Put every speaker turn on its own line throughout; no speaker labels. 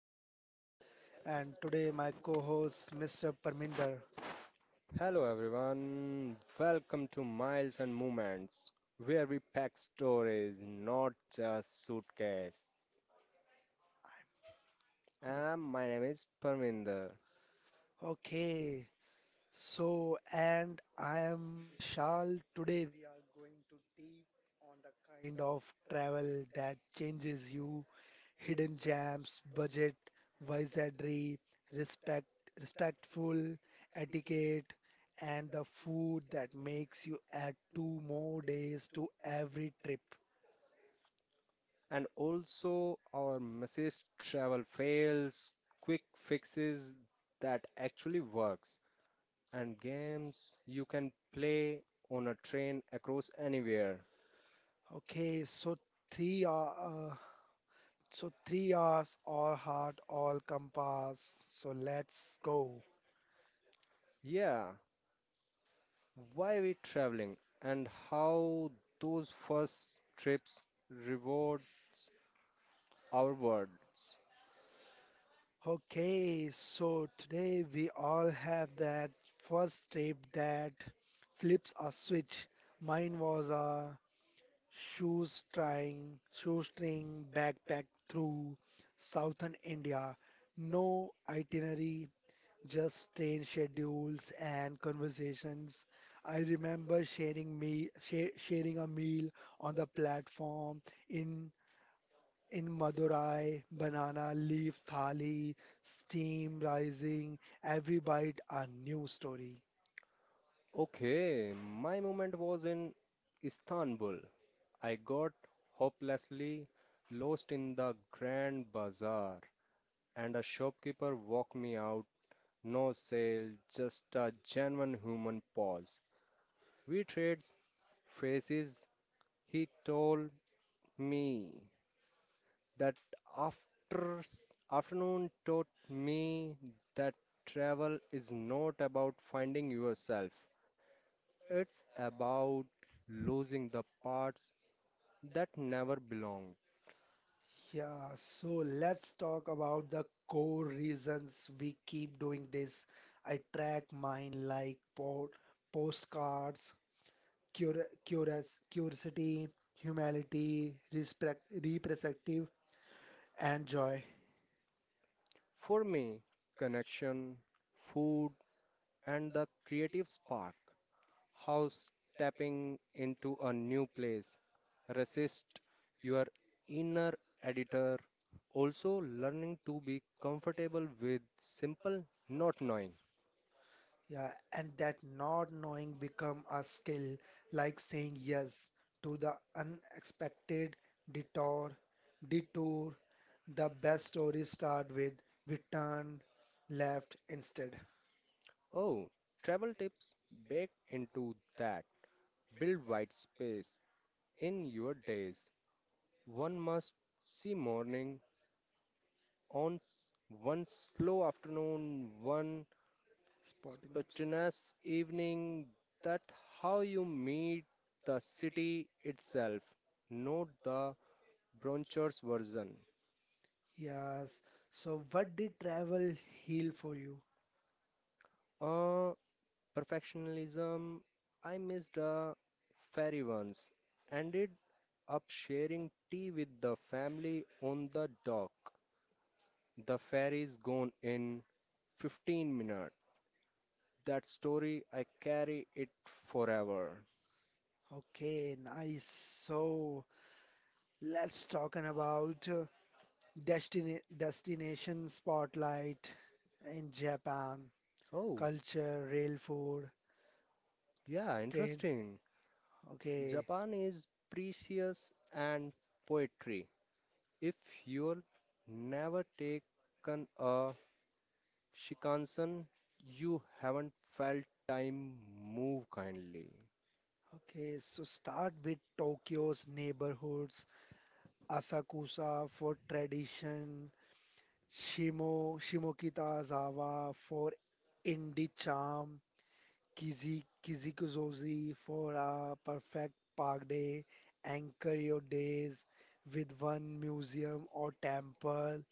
Vishal, and today my co-host, Mr. Parminder.
Hello everyone, welcome to Miles and Moments, where we pack stories, not just suitcase.
Okay,
And my name is Parminder,
Okay, so, and I am Vishal. Today we are going to deep on the kind of travel that changes you, hidden gems, budget, wizardry, respect, respectful etiquette, and the food that makes you add two more days to every trip.
and also our message travel fails, quick fixes that actually works, and games you can play on a train across anywhere.
Okay, so three are uh, so 3 hours, all heart, all compass. So let's go.
Yeah, why we traveling and how those first trips rewards our words.
Okay, so today we all have that first trip that flips a switch. Mine was a shoestring backpack through southern India. No itinerary, just train schedules and conversations. I remember sharing a meal on the platform in in Madurai, banana leaf thali, steam rising, every bite a new story.
Okay, my moment was in Istanbul. I got hopelessly lost in the grand bazaar, and a shopkeeper walked me out. No sale, just a genuine human pause. We traded faces. He told me that after afternoon taught me that travel is not about finding yourself. It's about losing the parts that never belonged.
Yeah, so let's talk about the core reasons we keep doing this. I track mine like po postcards, curiosity, humility, respect, reprosective, and joy.
For me, connection, food, and the creative spark. How stepping into a new place. Resist your inner editor. Also, learning to be comfortable with simple not knowing.
Yeah, and that not knowing become a skill, like saying yes to the unexpected detour, detour. The best stories start with we turn left instead.
Oh, travel tips baked into that. Build white space in your days. One must see morning, on s- one slow afternoon, one
Spontaneous.
spontaneous evening, that how you meet the city itself, not the Bronchers version.
Yes. So, what did travel heal for you?
Uh, perfectionism, I missed a ferry once, ended up sharing tea with the family on the dock. The ferry's gone in 15 minutes. That story, I carry it forever.
Okay, nice. So, let's talk an about destination spotlight in Japan,
Oh,
culture, rail food,
yeah, okay,
train.
interesting.
Okay.
Japan is precious and poetry. If you'll never taken a Shinkansen, you haven't felt time move kindly.
Okay, so start with Tokyo's neighborhoods, Asakusa for tradition, Shimokitazawa for indie charm, Kizikuzozi for a perfect park day, anchor your days with one museum or temple,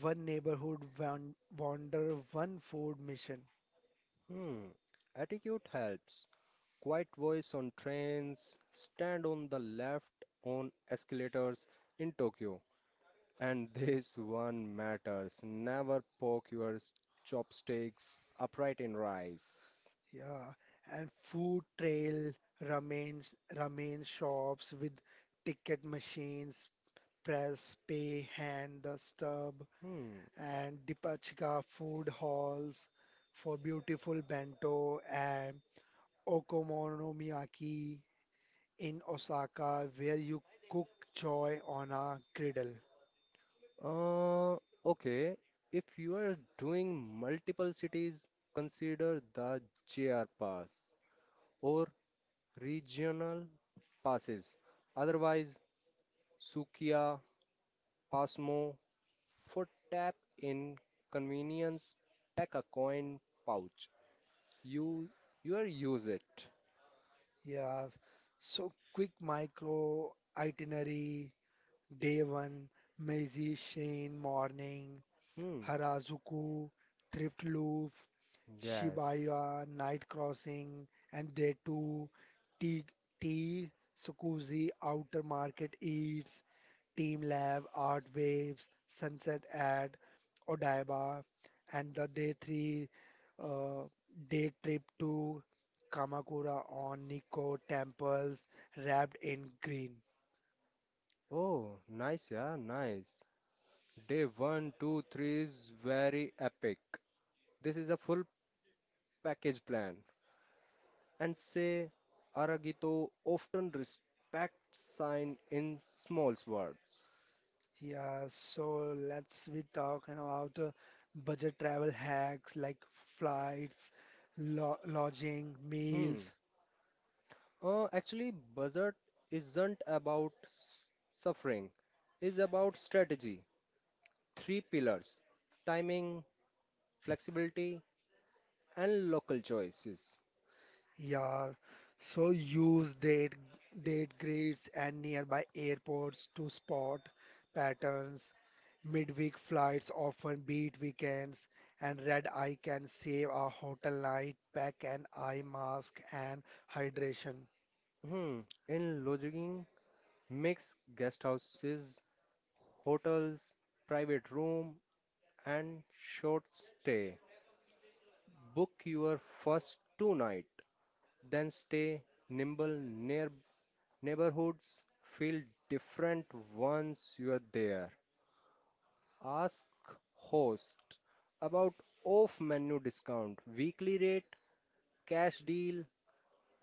one neighborhood wander, one food mission.
Hmm. Attitude helps. Quiet voice on trains, stand on the left on escalators in Tokyo. And this one matters. Never poke your chopsticks upright in rice.
Yeah, and food trail, ramen, ramen shops with ticket machines, press, pay, hand, the stub,
Hmm.
and Dipachka food halls for beautiful bento and okonomiyaki in Osaka, where you cook joy on a griddle.
Uh, okay. If you are doing multiple cities, consider the JR pass or regional passes. Otherwise, Sukiya, Pasmo, for tap in convenience, pack a coin pouch. You, you are use it.
Yeah, so quick micro itinerary, day one, Meiji Shrine morning.
Hmm.
Harajuku, Thrift Loop,
Yes.
Shibuya, Night Crossing, and there too, T T Sukuzi, Outer Market Eats, Team Lab, Art Waves, Sunset at Odaiba, and the day three uh, day trip to Kamakura on Nikko temples wrapped in green.
Oh, nice, yeah, nice. Day one, two, three is very epic. This is a full package plan. And say, Aragito often respect sign in small words.
Yeah, so let's we talk about budget travel hacks like flights, lo lodging,
Hmm.
meals.
Actually, Buzzard isn't about suffering. It's about strategy. Three pillars: timing, flexibility, and local choices.
Yeah, so use date grids and nearby airports to spot patterns. Midweek flights often beat weekends, and red eye can save a hotel night. Pack an eye mask and hydration.
Hmm. In lodging, mix guest houses, hotels, private room, and short stay. Book your first two night, then stay nimble near neighborhoods. Feel different once you are there. Ask host about off-menu discount, weekly rate, cash deal,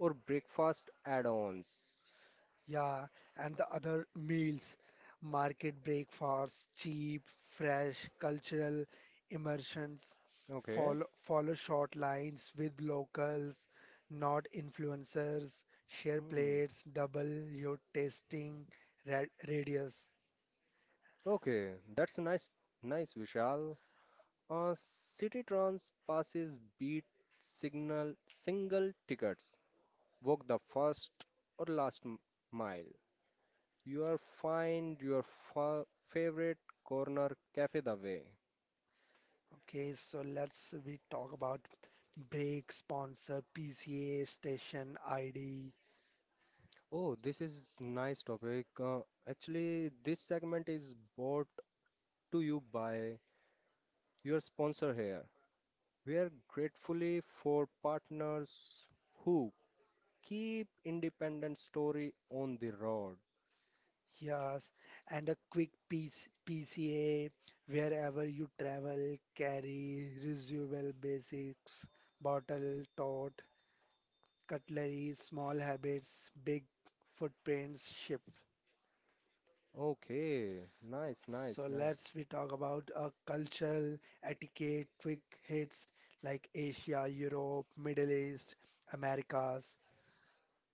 or breakfast add-ons.
Yeah, and the other meals, market breakfasts, cheap, fresh, cultural immersions,
Okay.
follow short lines with locals, not influencers, share plates, double your
Hmm.
tasting ra radius.
Okay, that's nice, nice, Vishal. Citytrans passes beat signal single tickets. Walk the first or last mile. You are find your fa favorite corner cafe the way.
Okay, so let's we talk about break sponsor, PCA, station ID.
Oh, this is nice topic. Actually, this segment is brought to you by your sponsor here. We are gratefully for partners who Keep independent story on the road.
Yes, and a quick P C A. Wherever you travel, carry reusable basics, bottle, tot, cutlery, small habits, big footprints shift.
Okay, nice, nice,
So
So nice.
let's we talk about a cultural etiquette quick hits like Asia, Europe, Middle East, Americas.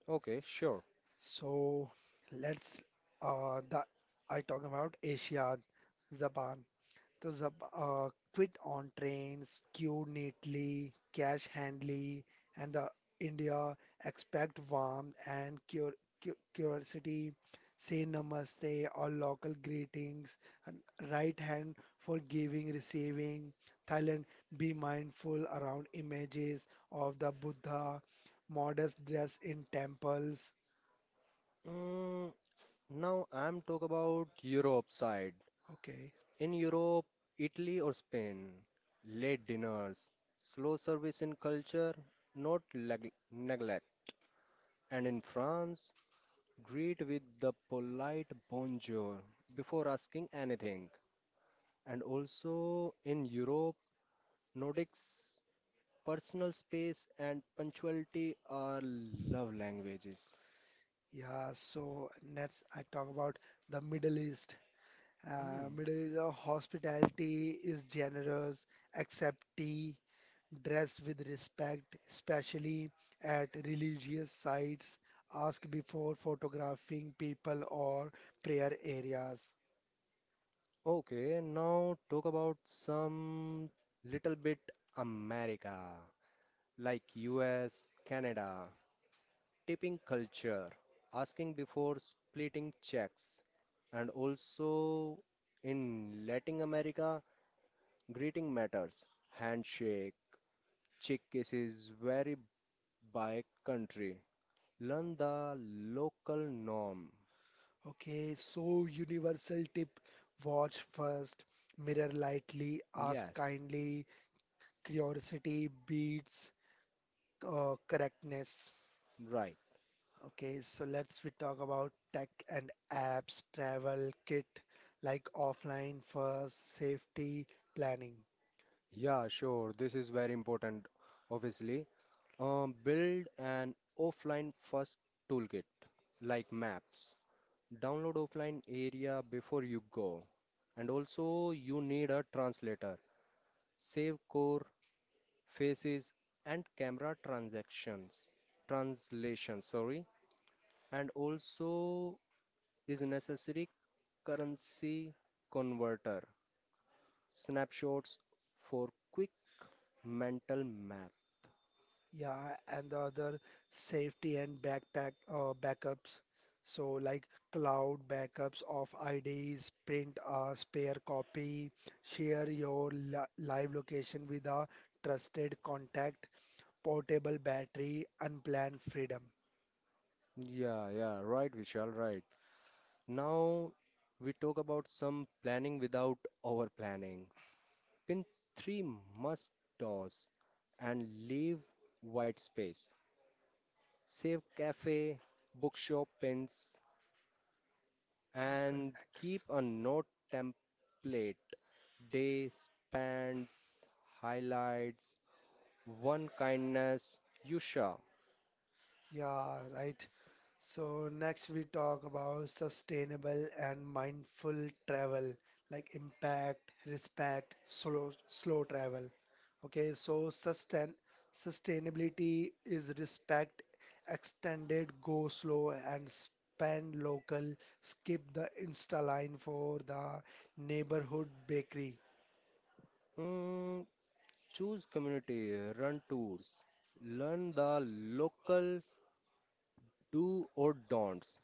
Okay, sure.
So let's the I talk about Asia, Japan. The zap, quit on trains, queue neatly, cash handily, and the India, expect warmth and curiosity. Say namaste or local greetings. And right hand for giving, receiving. Thailand, be mindful around images of the Buddha, modest dress in temples.
Mm, now I'm talk about Europe side.
Okay,
In Europe, Italy or Spain, late dinners, slow service in culture, not leg neglect. And in France, greet with the polite bonjour before asking anything. And also in Europe, Nordics Personal space and punctuality are love languages.
yeah. So next I talk about the Middle East.
Hmm.
Middle hospitality is generous, accept tea, dress with respect, especially at religious sites, ask before photographing people or prayer areas.
Okay, now talk about some little bit America, like US, Canada, tipping culture, asking before splitting checks, and also in Latin America, greeting matters, handshake, cheek kisses vary by country. Learn the local norm.
Okay, so universal tip, watch first, mirror lightly, ask
Yes,
kindly, curiosity beats correctness.
right.
Okay, so let's we talk about tech and apps, travel kit, like offline for safety planning.
Yeah, sure. This is very important, obviously. Build an offline first toolkit, like maps. Download offline area before you go. And also, you need a translator. Save core, faces, and camera transactions. Translation, sorry. And also, is necessary Currency converter. Snapshots for quick mental math.
Yeah, and the other safety and backpack backups. So like cloud backups of IDs, print a spare copy, share your li live location with a trusted contact, portable battery, unplanned freedom.
Yeah, yeah, right, Vishal, right. Now we talk about some planning without over planning. Pin 3 must toss and leave white space. Save cafe, bookshop pins, and keep
Anchors.
a note template. Day spans, highlights, One kindness, Yusha.
Yeah, right. So next we talk about sustainable and mindful travel, like impact, respect, slow travel. Okay, so sustainability is respect, extended, go slow and spend local, skip the Insta line for the neighborhood bakery.
Mm, choose community, run tours, learn the local do or don'ts,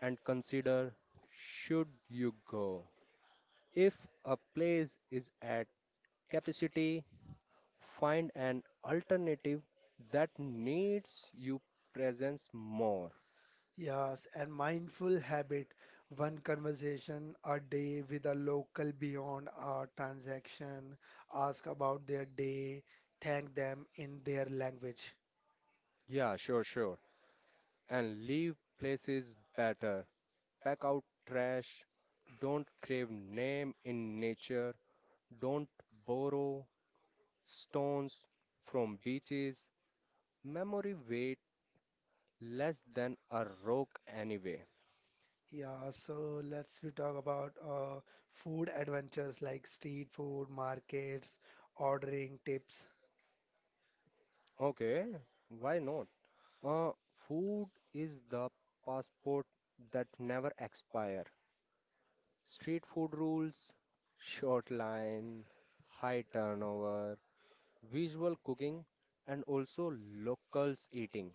and consider should you go. If a place is at capacity, find an alternative that needs you presence more.
Yes, and mindful habit, one conversation a day with a local beyond our transaction, ask about their day, thank them in their language.
Yeah, sure, sure. And leave places better. Pack out trash. Don't crave name in nature. Don't borrow stones from beaches. Memory weight less than a rock anyway.
Yeah, so let's we talk about food adventures like street food, markets, ordering tips.
Okay, why not? Uh, food is the passport that never expire. Street food rules, short line, high turnover, visual cooking, and also locals eating.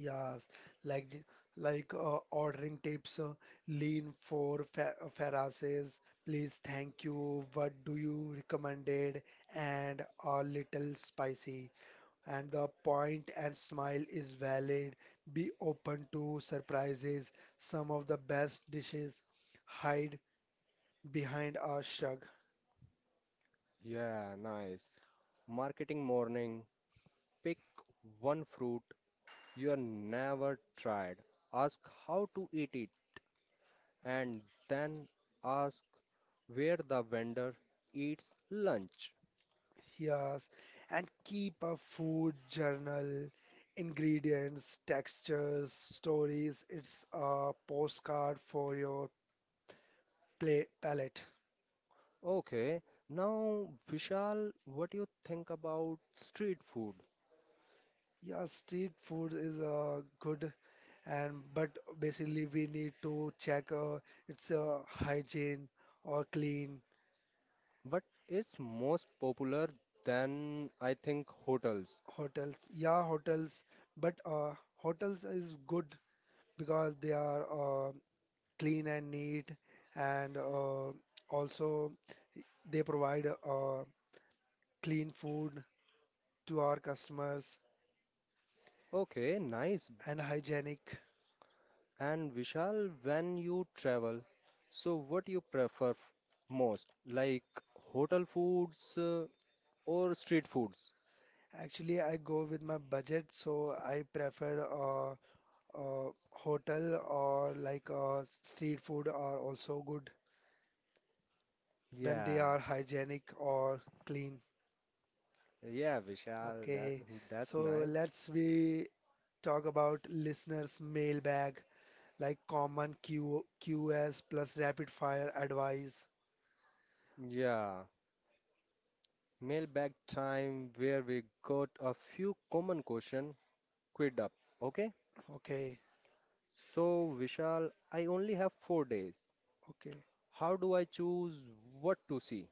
Yes, like j- ordering tips, lean for fa Ferraces, please, thank you, what do you recommended, and a little spicy. And the point and smile is valid. Be open to surprises. Some of the best dishes hide behind a shrug.
Yeah, nice. Marketing morning, pick one fruit You're never tried. Ask how to eat it and then ask where the vendor eats lunch.
Yes, and keep a food journal, ingredients, textures, stories. It's a postcard for your play palate.
Okay, now Vishal, what do you think about street food?
Yeah, street food is good, and but basically we need to check it's hygiene or clean.
But it's most popular than I think hotels.
Hotels. Yeah, hotels, but hotels is good because they are clean and neat, and also they provide clean food to our customers
Okay, nice.
and hygienic.
And Vishal, when you travel, so what you prefer most? Like hotel foods or street foods?
Actually, I go with my budget, so I prefer a hotel, or like a street food are also good when they
Yeah.
are hygienic or clean.
Yeah, Vishal, that,
Okay,
that's
so
nice.
let's we talk about listeners' mailbag like common Q QS plus rapid fire advice.
Yeah, mailbag time where we got a few common question queued up. Okay,
Okay,
so Vishal, I only have 4 days.
okay.
How do I choose what to see?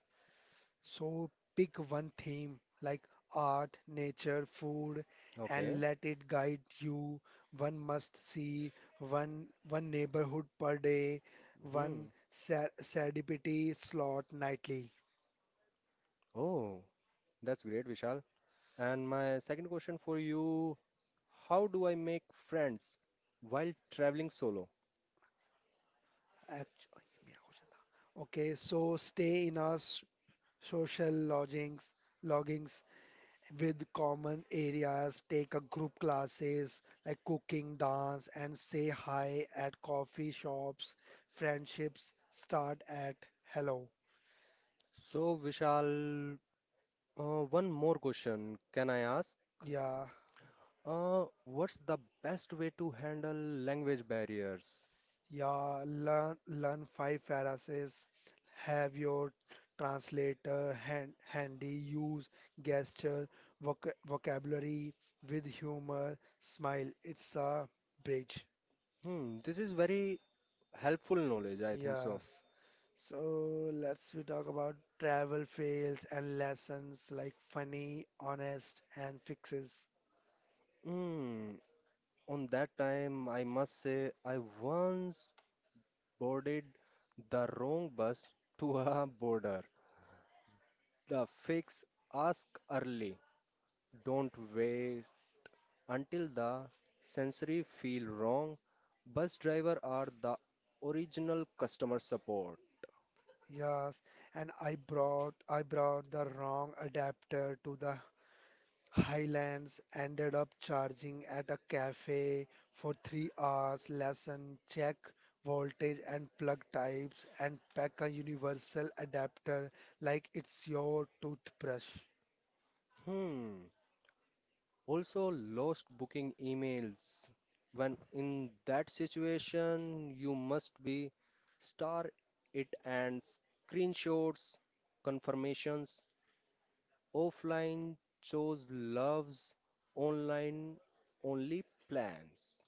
So pick one theme like art, nature, food,
Okay.
and let it guide you. One must see, one neighborhood per day, one
Hmm.
serendipity slot nightly.
Oh, that's great, Vishal. And my second question for you, how do I make friends while traveling solo?
Act- Okay, so stay in our social loggings with common areas, take a group classes like cooking, dance, and say hi at coffee shops. Friendships start at hello.
So, Vishal, uh, one more question can I ask?
Yeah,
What's the best way to handle language barriers?
yeah. Learn five phrases. Have your translator handy. Use gesture, vocabulary with humor, smile. It's a bridge.
Hmm, this is very helpful knowledge, I think so.
Yes. So let's we talk about travel fails and lessons like funny, honest, and fixes.
Hmm, on that time, I must say, I once boarded the wrong bus to a border. The fix ask early, don't wait until the sensory feel wrong. Bus driver are the original customer support.
Yes, and I brought the wrong adapter to the Highlands, ended up charging at a cafe for 3 hours, lesson check voltage and plug types and pack a universal adapter like.
Hmm. Also, lost booking emails. When in that situation, you must be star it and screenshots, confirmations, offline shows loves, online only plans.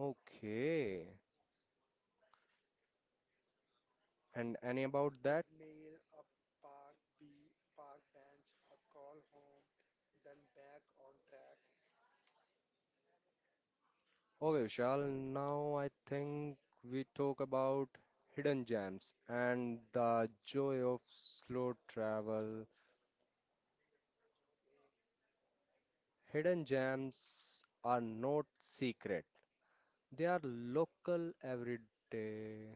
Okay. And any about that? Okay, Shal, now I think we talk about hidden gems and the joy of slow travel. Hidden gems are not secret. They are local every day.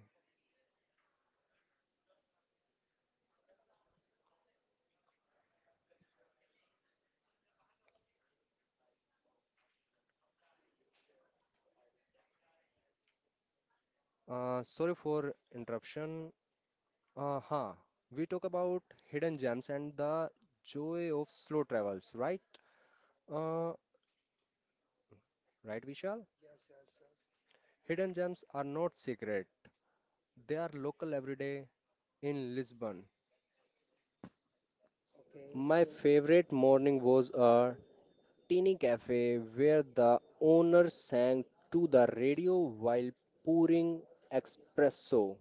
Sorry for interruption. Uh, huh. We talk about hidden gems and the joy of slow travels, right? Uh, right, Vishal? Hidden gems are not secret. They are local every day in Lisbon. My so favorite morning was a teeny cafe where the owner sang to the radio while pouring espresso.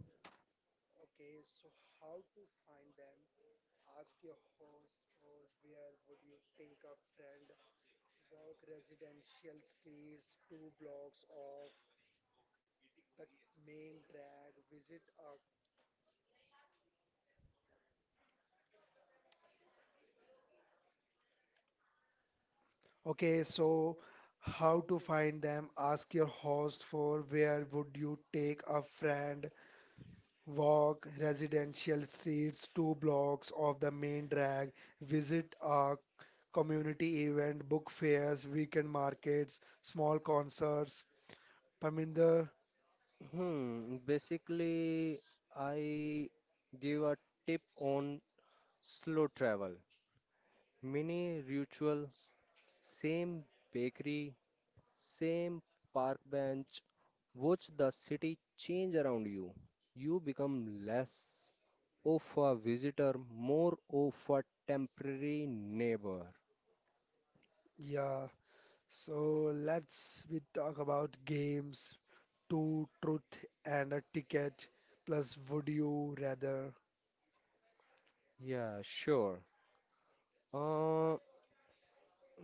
Okay, so how to find them? Ask your host for where would you take a friend? Walk residential streets two blocks of the main drag, visit a community event, book fairs, weekend markets, small concerts. Parminder,
Hmm, basically, I give a tip on slow travel. Mini ritual, same bakery, same park bench. Watch the city change around you. You become less of a visitor, more of a temporary neighbor.
yeah. So let's we talk about games, two truth and a ticket, plus would you rather?
Yeah, sure. Uh,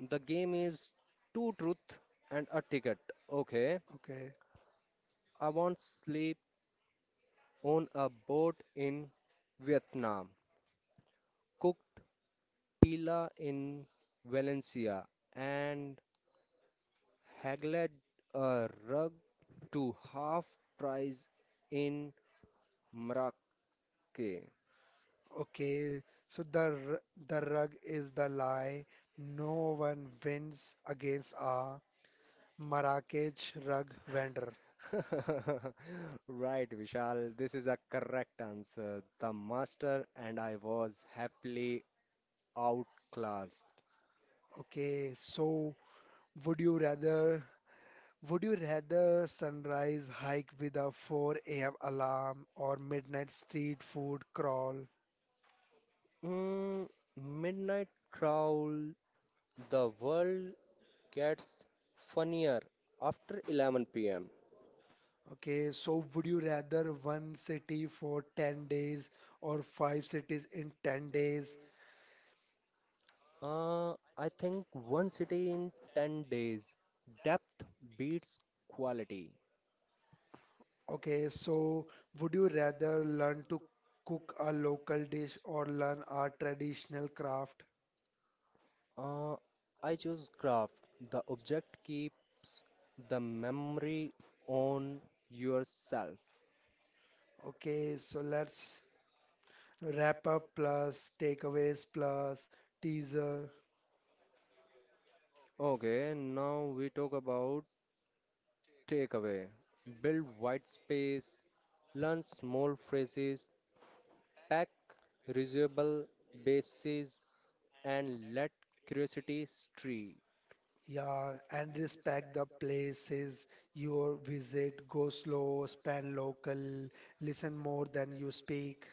the game is two truth and a ticket. Okay.
Okay.
I want sleep on a boat in Vietnam, cooked pila in Valencia, and haggled a rug to half price in Marrakech.
Okay, so the rug is the lie. No one wins against a Marrakech rug vendor.
Right, Vishal, this is a correct answer. The master and I was happily outclassed.
Okay, so would you rather would you rather sunrise hike with a 4 a.m. alarm or midnight street food crawl?
Mm, Midnight Prowl, the world gets funnier after 11 pm.
Okay, so would you rather one city for 10 days or five cities in 10 days?
Uh, I think one city in 10 days. Depth beats quality.
Okay, so would you rather learn to cook a local dish or learn a traditional craft?
Uh, I choose craft. The object keeps the memory on yourself.
Okay, so let's wrap up plus takeaways plus teaser.
Okay, now we talk about takeaway. Build white space, learn small phrases, Pack reusable bases and let curiosity stray.
Yeah, and respect the places you visit. Go slow, span local, listen more than you speak.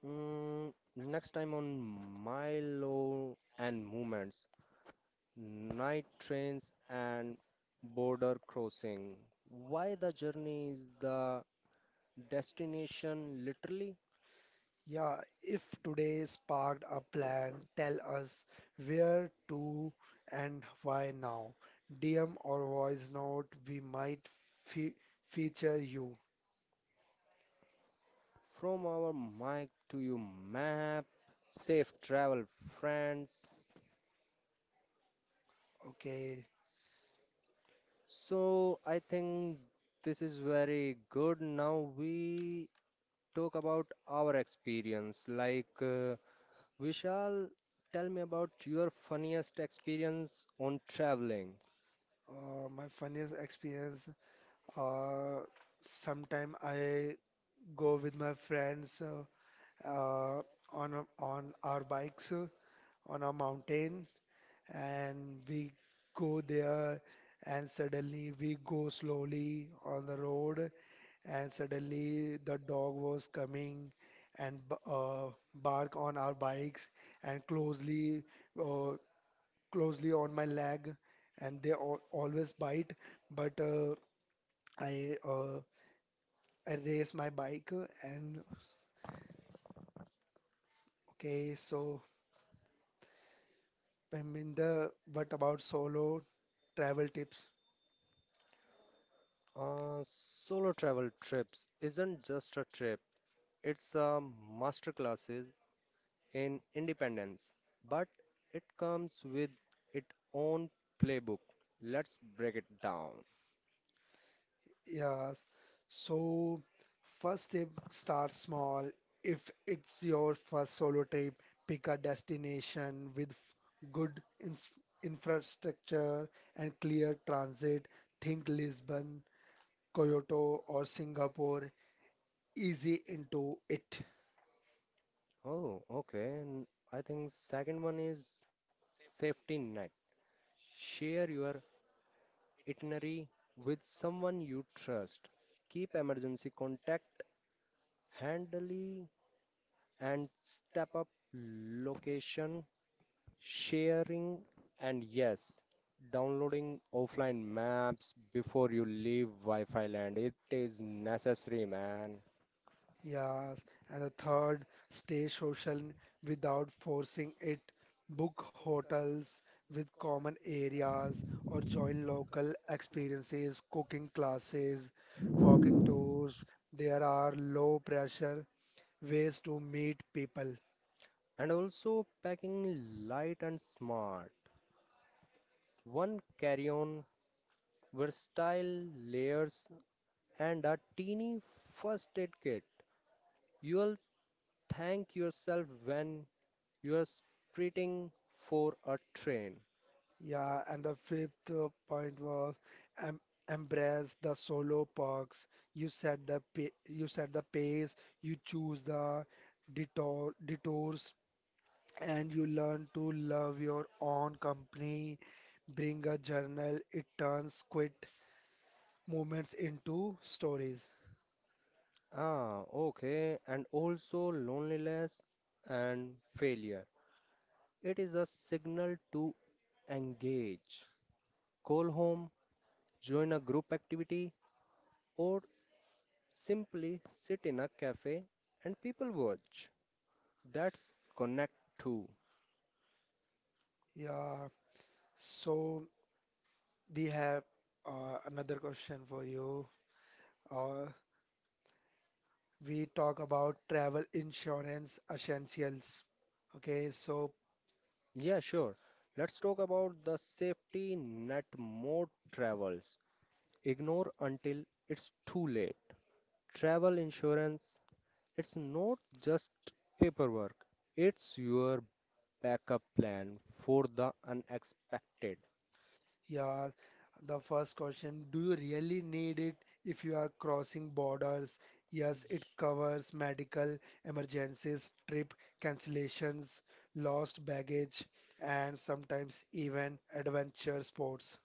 Mm, next time on Milo and Movements, Night Trains and Border Crossing. Why the journey is the destination literally?
Yeah, if today sparked a plan, tell us where to and why now. DM or voice note, we might fe feature you.
From our mic to your map. Safe travel, friends.
Okay,
So I think this is very good. Now we talk about our experience. Like, Vishal, tell me about your funniest experience on traveling.
my funniest experience. Uh, sometime I go with my friends uh, on our bikes on a mountain, and we go there, and suddenly we go slowly on the road and suddenly the dog was coming and bark on our bikes and closely uh, closely on my leg and they al always bite but I uh, I race my bike and okay so I mean the, what about solo travel tips?
Solo travel trips isn't just a trip, it's a masterclass in independence, but it comes with its own playbook. Let's break it down.
Yes. So, first tip, start small. If it's your first solo trip, pick a destination with good ins infrastructure and clear transit. Think Lisbon, Kyoto, or Singapore. Easy into it.
Oh, okay. And I think second one is safety net. Share your itinerary with someone you trust. Keep emergency contact handy and step up location sharing and yes, downloading offline maps before you leave Wi-Fi land. It is necessary, man.
Yes, and the third, stay social without forcing it. Book hotels with common areas or join local experiences, cooking classes, walking tours. There are low pressure ways to meet people.
And also packing light and smart. One carry-on, versatile layers and a teeny first aid kit. You'll thank yourself when You are sprinting for a train.
Yeah, and the fifth point was em embrace the solo parks. You set the pa you set the pace, you choose the detours and you learn to love your own company. Bring a journal, it turns quit moments into stories.
Ah, okay. And also loneliness and failure. It is a signal to engage, call home, join a group activity, or simply sit in a cafe and people watch. That's connect too.
Yeah, so we have another question for you. Uh, we talk about travel insurance essentials. Okay, so
Yeah, sure. Let's talk about the safety net mode travels. Ignore until it's too late. Travel insurance It's not just paperwork, it's your backup plan for the unexpected.
yeah, the first question, do you really need it if you are crossing borders? Yes, it covers medical emergencies, trip cancellations, lost baggage, and sometimes even adventure sports.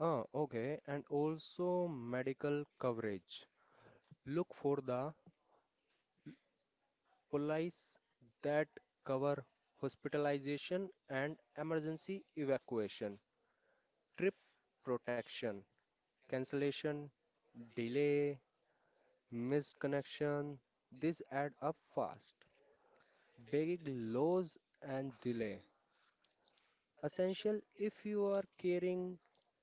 Ah, okay, and also medical coverage. Look for the policies that cover hospitalization and emergency evacuation, trip protection, cancellation, delay, missed connection. These add up fast. Big loss and delay. Essential if you are carrying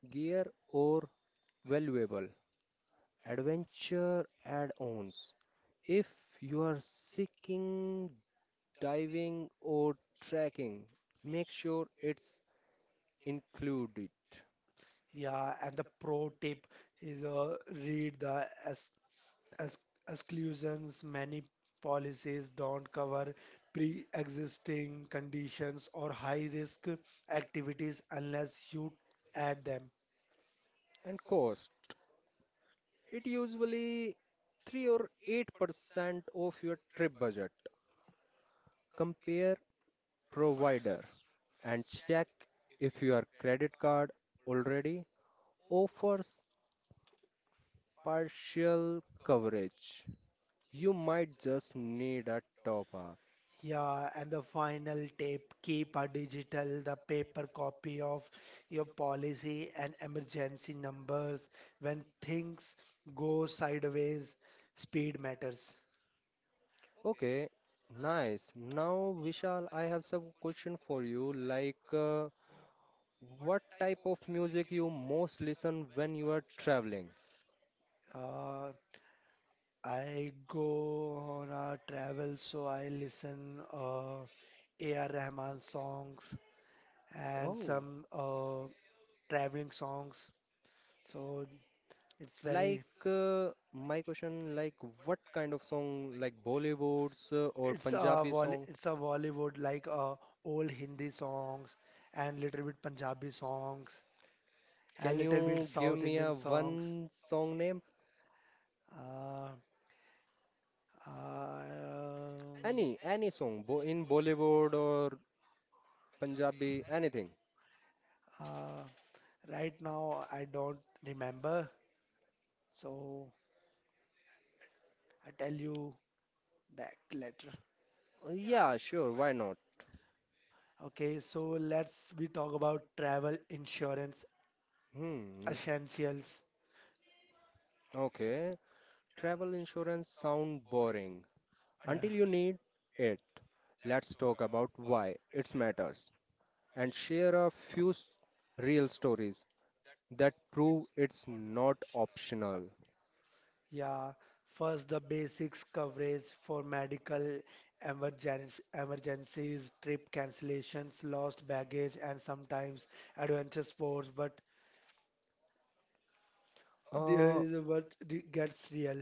gear or valuable adventure add-ons. If you are seeking diving or trekking, make sure it's included.
Yeah, and the pro tip is read the ex ex exclusions. Many policies don't cover pre-existing conditions or high-risk activities unless you add them.
And cost, it usually 3 or 8% of your trip budget. Compare provider and check if your credit card already offers partial coverage. You might just need a top up.
Yeah, and the final tip, keep a digital, the paper copy of your policy and emergency numbers. When things go sideways, speed matters.
Okay, nice. Now, Vishal, I have some question for you. Like, what type of music you most listen when you are traveling?
Uh, I go on a travel, so I listen A.R. Rahman songs and
Oh,
some traveling songs. So it's very.
like my question, like what kind of song, like Bollywoods or
It's a
Punjabi song?
It's a Bollywood like old Hindi songs and little bit Punjabi songs and
Can
little bit
you give
South
me
Indian
a
songs.
one song name?
Uh, um,
Any song, bo in Bollywood or Punjabi, anything.
uh, right now I don't remember, so I tell you back later.
Yeah, sure, why not?
Okay, so let's we talk about travel insurance
Hmm,
essentials.
okay. Travel insurance sound boring
Yeah.
until you need it. Let's talk about why it matters and share a few real stories that prove it's not optional.
Yeah, first the basics coverage for medical emergencies, trip cancellations, lost baggage, and sometimes adventure sports. But there
Uh,
is what gets real.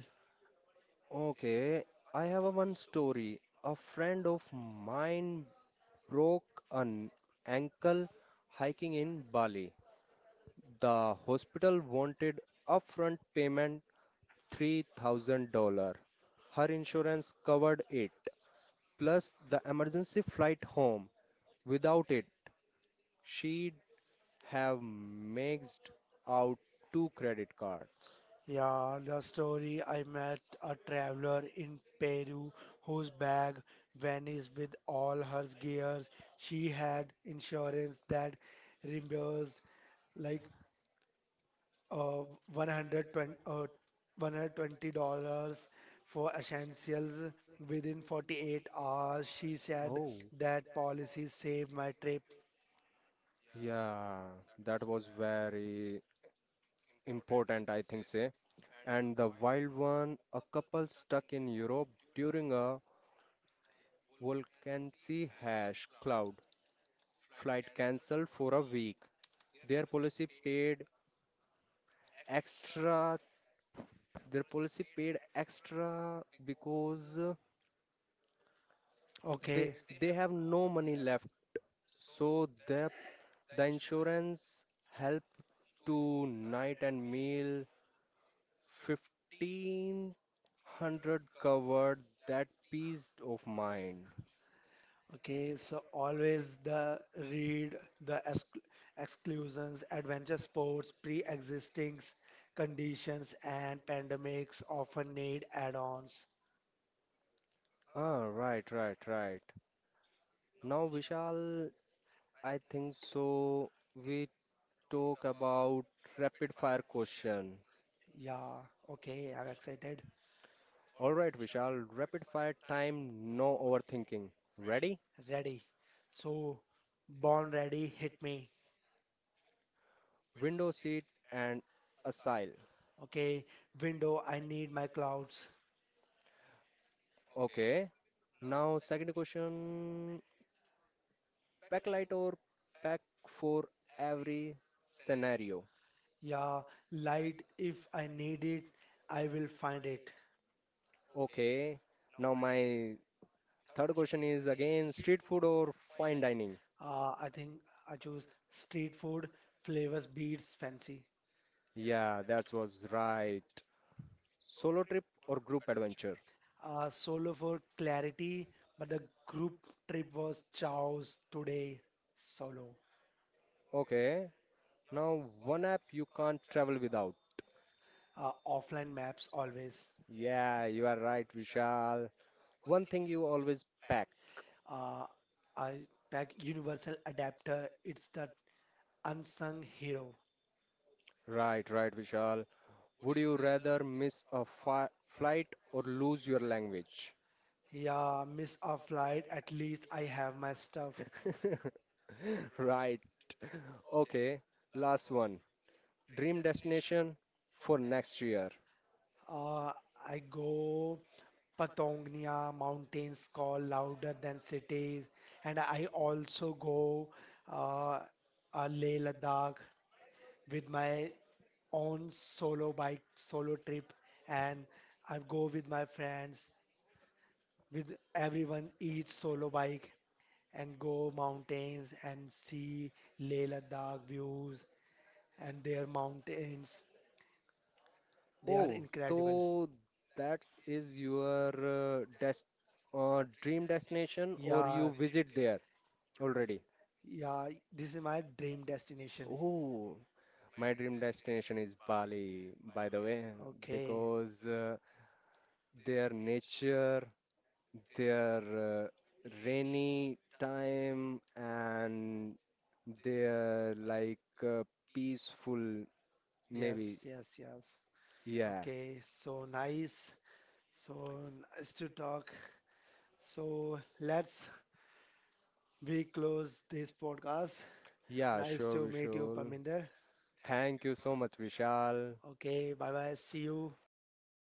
Okay, I have a one story. A friend of mine broke an ankle hiking in Bali. The hospital wanted upfront payment $3,000. Her insurance covered it, plus the emergency flight home. Without it, she'd have maxed out two credit cards.
Yeah, the story, I met a traveler in Peru whose bag vanished with all her gears. She had insurance that reimbursed like uh, $120, uh, $120 for essentials within 48 hours. She said
Oh,
that policy saved my trip.
yeah, that was very important, I think, say. And the wild one, a couple stuck in Europe during a volcanic ash cloud flight cancelled for a week. Their policy paid extra. Their policy paid extra because they
Okay,
they have no money left. So the insurance help to night and meal 1,500 covered that peace of mind.
okay, so always the read the exclusions, adventure sports, pre-existing conditions, and pandemics often need add-ons.
Ah, right, right, right. Now, Vishal, I think so. We talk about rapid fire question.
Yeah, okay, I'm excited.
All right, Vishal, rapid fire time, no overthinking. Ready?
Ready. So, born ready, hit me.
Window seat and asile.
Okay, window, I need my clouds.
Okay. Now, second question backlight or pack for every scenario.
Yeah, light, if I need it, I will find it.
Okay. Now, my third question is again street food or fine dining.
I think I choose street food, flavors, beats, fancy.
Yeah, that was right. Solo trip or group adventure.
Solo for clarity, but the group trip was chows today, solo.
Okay. Now, one app you can't travel without.
Offline maps always.
Yeah, you are right, Vishal. One thing you always pack.
Uh, I pack universal adapter, it's the unsung hero.
Right, right, Vishal. Would you rather miss a flight or lose your language?
Yeah, miss a flight, at least I have
Have
my
my
stuff.
stuff. Right. Okay. Last one. Dream destination for next year.
Uh, I go Patagonia, mountains call louder than cities, and I also go uh, Leh Ladakh with my own solo bike, solo trip, and I go with my friends, with everyone each solo bike, and go mountains and see Leh Ladakh views and their mountains. They are
Oh,
incredible.
so that is your des dream destination, or
Yeah.
you visit there already?
Yeah, this is my dream destination.
Oh, My dream destination is Bali, by the way,
Okay.
because their nature, their rainy time, and their like uh, peaceful,
Yes,
maybe.
yes, yes.
Yeah.
Okay, so nice. So nice to talk. So let's we close this podcast.
Yeah,
Nice
sure,
to meet you,
Vishal.
Parminder.
Thank you so much, Vishal.
Okay, bye bye. See you.